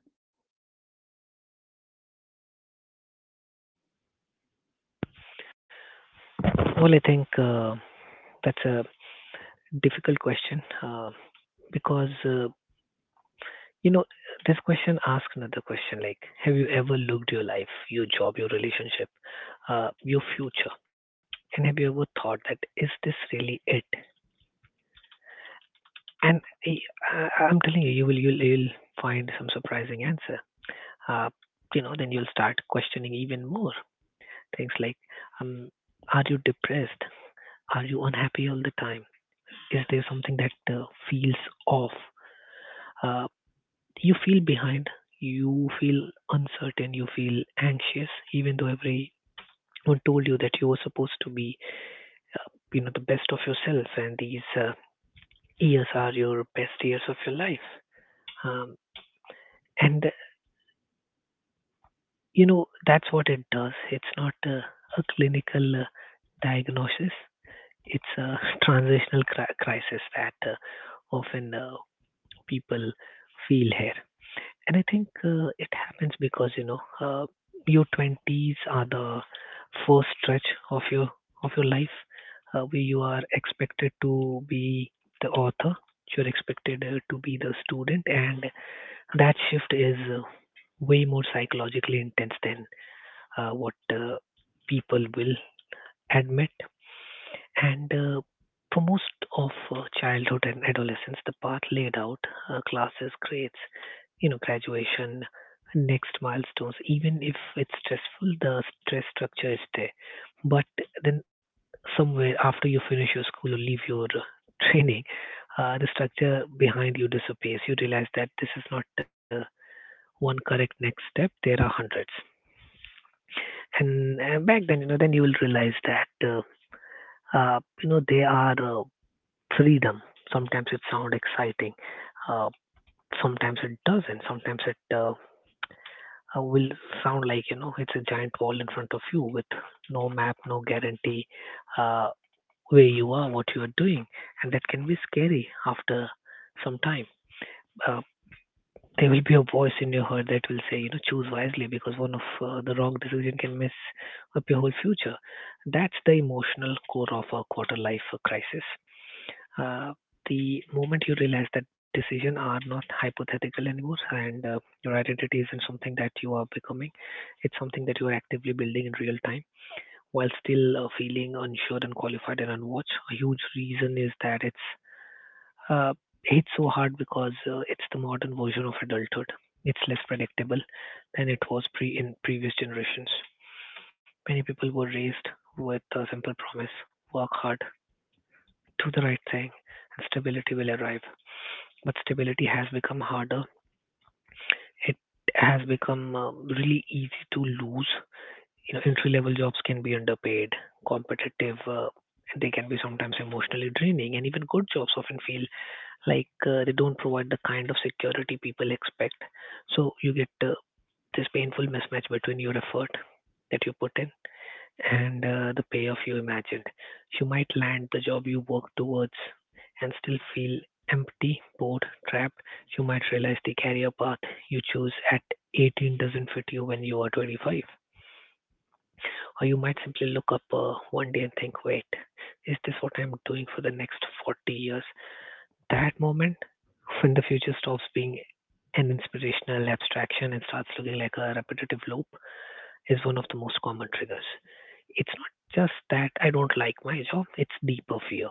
C: Well, I think that's a difficult question because you know, this question asks another question like, have you ever looked your life, your job, your relationship, your future, and have you ever thought that is this really it? And I'm telling you, you'll find some surprising answer. Uh, you know, then you'll start questioning even more things like, um, are you depressed? Are you unhappy all the time? Is there something that feels off? Uh, you feel behind, you feel uncertain, you feel anxious, even though everyone told you that you were supposed to be, uh, you know, the best of yourself, and these years are your best years of your life. Um, and you know that's what it does. It's not a clinical diagnosis. It's a transitional crisis that often people feel here. And I think it happens because your twenties are the first stretch of your life where you are expected to be the author. You're expected to be the student, and that shift is way more psychologically intense than what people will admit. And for most of childhood and adolescence, the path laid out, classes, grades, you know, graduation, next milestones, even if it's stressful, the stress structure is there. But then somewhere after you finish your school or leave your training, the structure behind you disappears. You realize that this is not one correct next step. There are hundreds. And back then, you know, then you will realize that you know, there are freedom. Sometimes it sounds exciting, uh, sometimes it doesn't. Sometimes it will sound like you know it's a giant wall in front of you with no map, no guarantee uh, where you are, what you are doing, and that can be scary after some time. Uh, there will be a voice in your head that will say, you know, choose wisely because one of the wrong decision can mess up your whole future. That's the emotional core of a quarter life crisis uh, the moment you realize that decisions are not hypothetical anymore and your identity isn't something that you are becoming, it's something that you are actively building in real time while still feeling unsure, unqualified, and unwatched. A huge reason is that it's uh, hit so hard because it's the modern version of adulthood. It's less predictable than it was pre in previous generations. Many people were raised with a simple promise: work hard, do the right thing, and stability will arrive. But stability has become harder. It has become really easy to lose. You know, entry level jobs can be underpaid, competitive. They can be sometimes emotionally draining, and even good jobs often feel like they don't provide the kind of security people expect. So you get this painful mismatch between your effort that you put in and the payoff you imagined. You might land the job you worked towards and still feel empty, bored, trapped. You might realize the career path you choose at 18 doesn't fit you when you are 25. Or you might simply look up one day and think, wait, is this what I'm doing for the next 40 years? That moment when the future stops being an inspirational abstraction and starts looking like a repetitive loop is one of the most common triggers. It's not just that I don't like my job, it's deeper fear.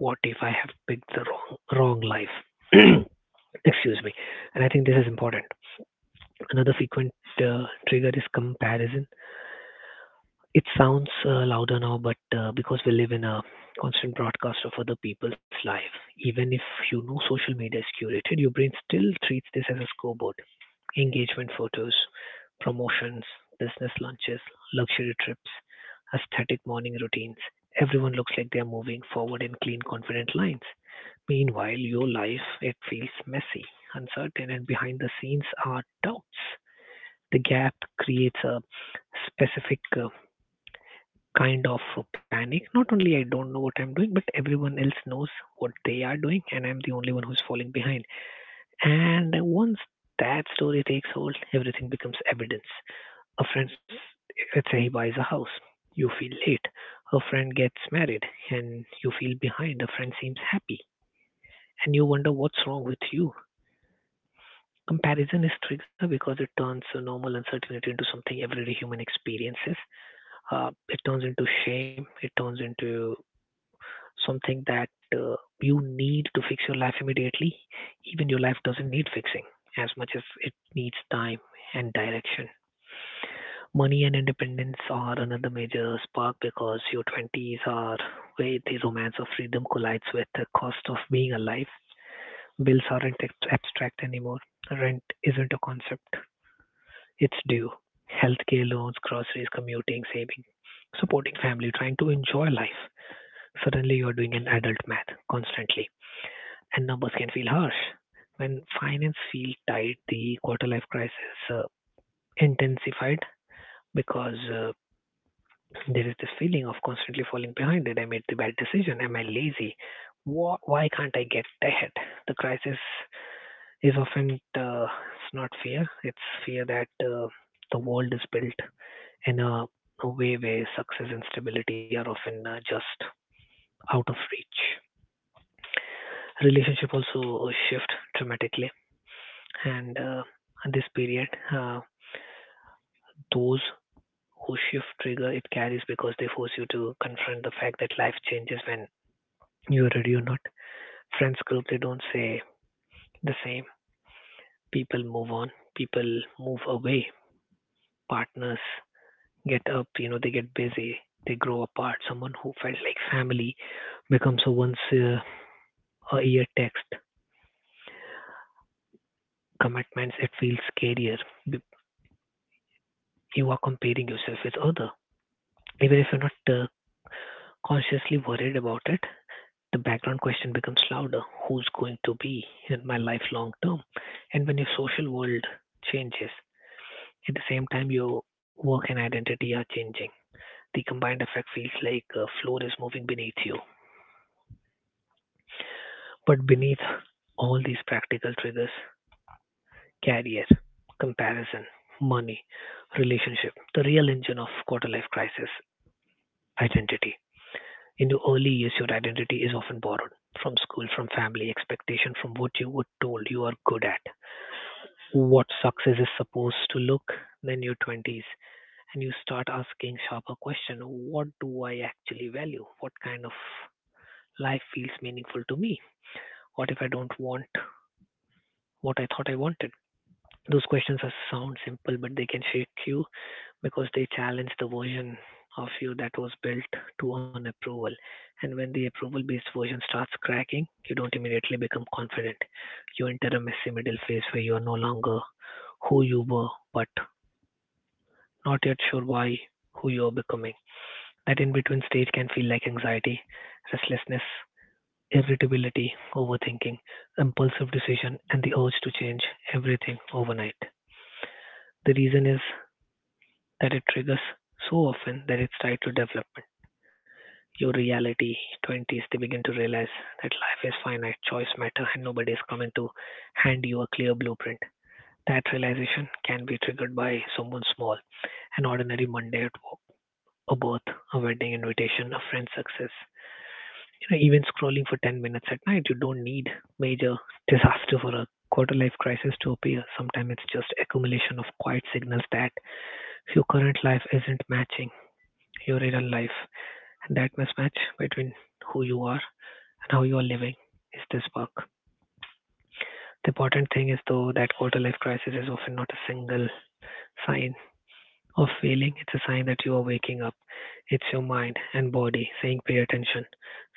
C: What if I have picked the wrong life? Excuse me. And I think this is important. Another frequent trigger is comparison. It sounds louder now, but because we live in a constant broadcast of other people's life, even if you know social media is curated, your brain still treats this as a scoreboard. Engagement photos, promotions, business lunches, luxury trips, aesthetic morning routines. Everyone looks like they're moving forward in clean, confident lines. Meanwhile, your life, it feels messy, uncertain, and behind the scenes are doubts. The gap creates a specific kind of panic. Not only I don't know what I'm doing, but everyone else knows what they are doing, and I'm the only one who's falling behind. And once that story takes hold, everything becomes evidence. A friend, let's say he buys a house, you feel late. A friend gets married, and you feel behind. A friend seems happy, and you wonder what's wrong with you. Comparison is trigger because it turns a normal uncertainty into something everyday human experiences it turns into shame, it turns into something that you need to fix your life immediately, even your life doesn't need fixing as much as it needs time and direction. Money and independence are another major spark because your 20s are where the romance of freedom collides with the cost of being alive. Bills aren't abstract anymore. Rent isn't a concept, it's due. Healthcare loans, groceries, commuting, saving, supporting family, trying to enjoy life. Suddenly, you're doing an adult math constantly. And numbers can feel harsh. When finance feel tight, the quarter life crisis intensified because there is this feeling of constantly falling behind. Did I made the bad decision? Am I lazy? Why can't I get ahead? The crisis is often it's not fear. It's fear that the world is built in a way where success and stability are often just out of reach. Relationship also shift dramatically. And this period, those who shift trigger it carries because they force you to confront the fact that life changes when you're ready or not. Friends group they don't say the same. People move on. People move away. Partners get up. You know they get busy. They grow apart. Someone who felt like family becomes a once a year text commitments It feels scarier. B- You are comparing yourself with other, even if you're not consciously worried about it. The background question becomes louder: who's going to be in my life long term? And when your social world changes, at the same time your work and identity are changing. The combined effect feels like a floor is moving beneath you. But beneath all these practical triggers, career, comparison, money, relationship, the real engine of quarter life crisis, identity. In your early years, your identity is often borrowed from school, from family, expectation from what you were told you are good at. What success is supposed to look, then your 20s, and you start asking sharper question, what do I actually value? What kind of life feels meaningful to me? What if I don't want what I thought I wanted? Those questions are sound simple, but they can shake you because they challenge the version of you that was built to earn approval. And when the approval based version starts cracking, you don't immediately become confident. You enter a messy middle phase where you are no longer who you were, but Not yet sure why, who you're becoming. That in between stage can feel like anxiety, restlessness, irritability, overthinking, impulsive decision, and the urge to change everything overnight. The reason is that it triggers so often that it's tied to development. Your reality, 20s, they begin to realize that life is finite, choice matter, and nobody is coming to hand you a clear blueprint. That realization can be triggered by someone small, an ordinary Monday or a birth, a wedding invitation, a friend's success. You know, even scrolling for 10 minutes at night, you don't need major disaster for a quarter life crisis to appear. Sometimes it's just accumulation of quiet signals that your current life isn't matching your real life. And that mismatch between who you are and how you are living is this bug. The important thing is, though, that quarter life crisis is often not a single sign of failing, it's a sign that you are waking up. It's your mind and body saying pay attention.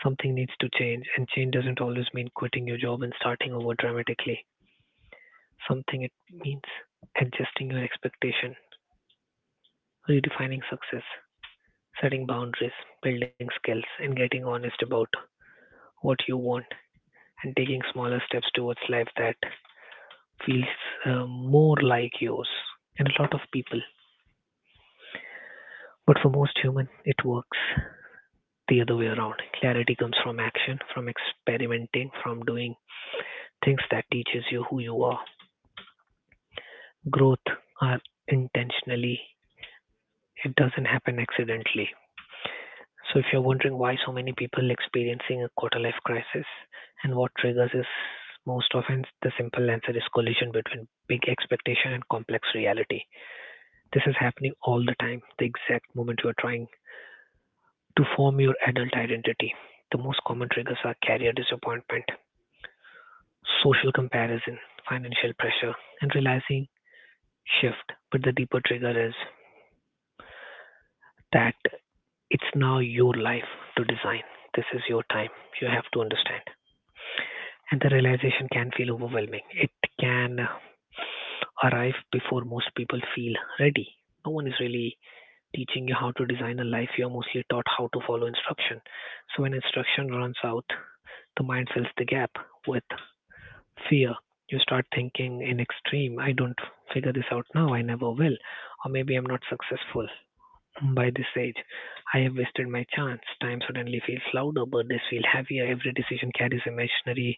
C: Something needs to change, and change doesn't always mean quitting your job and starting over dramatically. Something it means adjusting your expectation, redefining success, setting boundaries, building skills, and getting honest about what you want and taking smaller steps towards life that feels more like yours and a lot of people. But for most human, it works the other way around. Clarity comes from action, from experimenting, from doing things that teaches you who you are. Growth are intentionally. It doesn't happen accidentally. So if you're wondering why so many people experiencing a quarter life crisis and what triggers is most often the simple answer is collision between big expectation and complex reality. This is happening all the time, the exact moment you are trying to form your adult identity. The most common triggers are career disappointment, social comparison, financial pressure, and realizing shift. But the deeper trigger is that it's now your life to design. This is your time. You have to understand. And the realization can feel overwhelming. It can arrive before most people feel ready. No one is really teaching you how to design a life. You're mostly taught how to follow instruction. So when instruction runs out, the mind fills the gap with fear. You start thinking in extreme, I don't figure this out now, I never will, or maybe I'm not successful. By this age, I have wasted my chance. Time suddenly feels louder, burdens feel heavier, every decision carries imaginary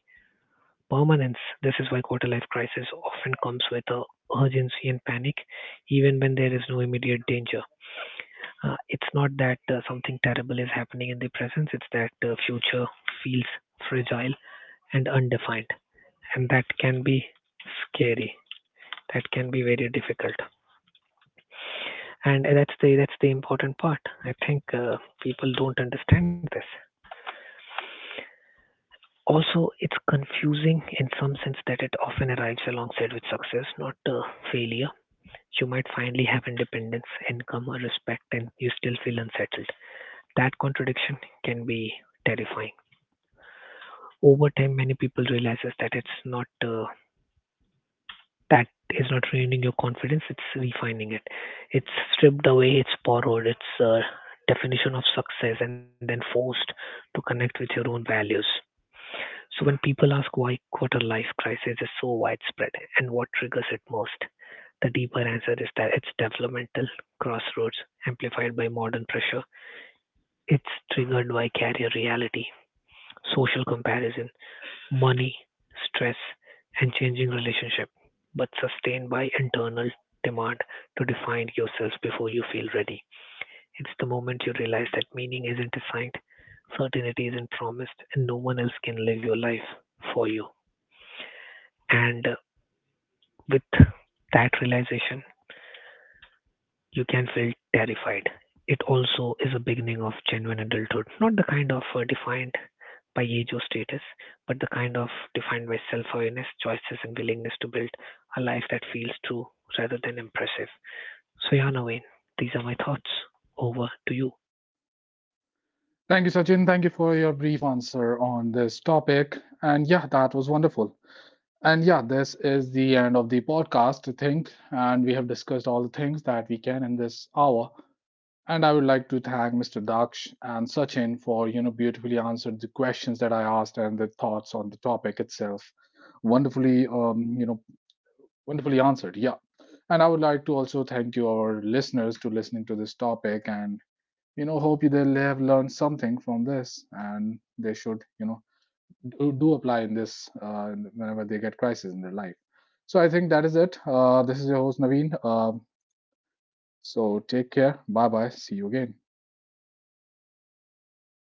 C: permanence. This is why quarter life crisis often comes with a urgency and panic, even when there is no immediate danger. It's not that something terrible is happening in the present, it's that the future feels fragile and undefined, and that can be scary. That can be very difficult, and that's the important part. I think people don't understand this. Also, it's confusing in some sense that it often arrives alongside with success, not failure. You might finally have independence, income, or respect, and you still feel unsettled. That contradiction can be terrifying. Over time, many people realizes that it's not that is not ruining your confidence; it's refining it. It's stripped away, it's borrowed, it's definition of success, and then forced to connect with your own values. So when people ask why quarter life crisis is so widespread and what triggers it most, the deeper answer is that it's developmental crossroads amplified by modern pressure. It's triggered by career reality, social comparison, money, stress, and changing relationship, but sustained by internal demand to define yourself before you feel ready. It's the moment you realize that meaning isn't assigned, certainty isn't promised, and no one else can live your life for you. And With that realization, you can feel terrified. It also is a beginning of genuine adulthood, not the kind of defined by age or status, but the kind of defined by self awareness, choices, and willingness to build a life that feels true rather than impressive. So, yeah, Naveen, these are my thoughts. Over to you.
A: Thank you, Sachin. Thank you for your brief answer on this topic. And yeah, that was wonderful. And yeah, this is the end of the podcast, I think. And we have discussed all the things that we can in this hour. And I would like to thank Mr. Daksh and Sachin for, you know, beautifully answered the questions that I asked and the thoughts on the topic itself. Wonderfully, you know, wonderfully answered. Yeah. And I would like to also thank you, our listeners, to listening to this topic. And, you know, hope you they'll have learned something from this and they should, you know, who do apply in this whenever they get crisis in their life. So I think that is it. This is your host Naveen. So take care. Bye bye. See you again.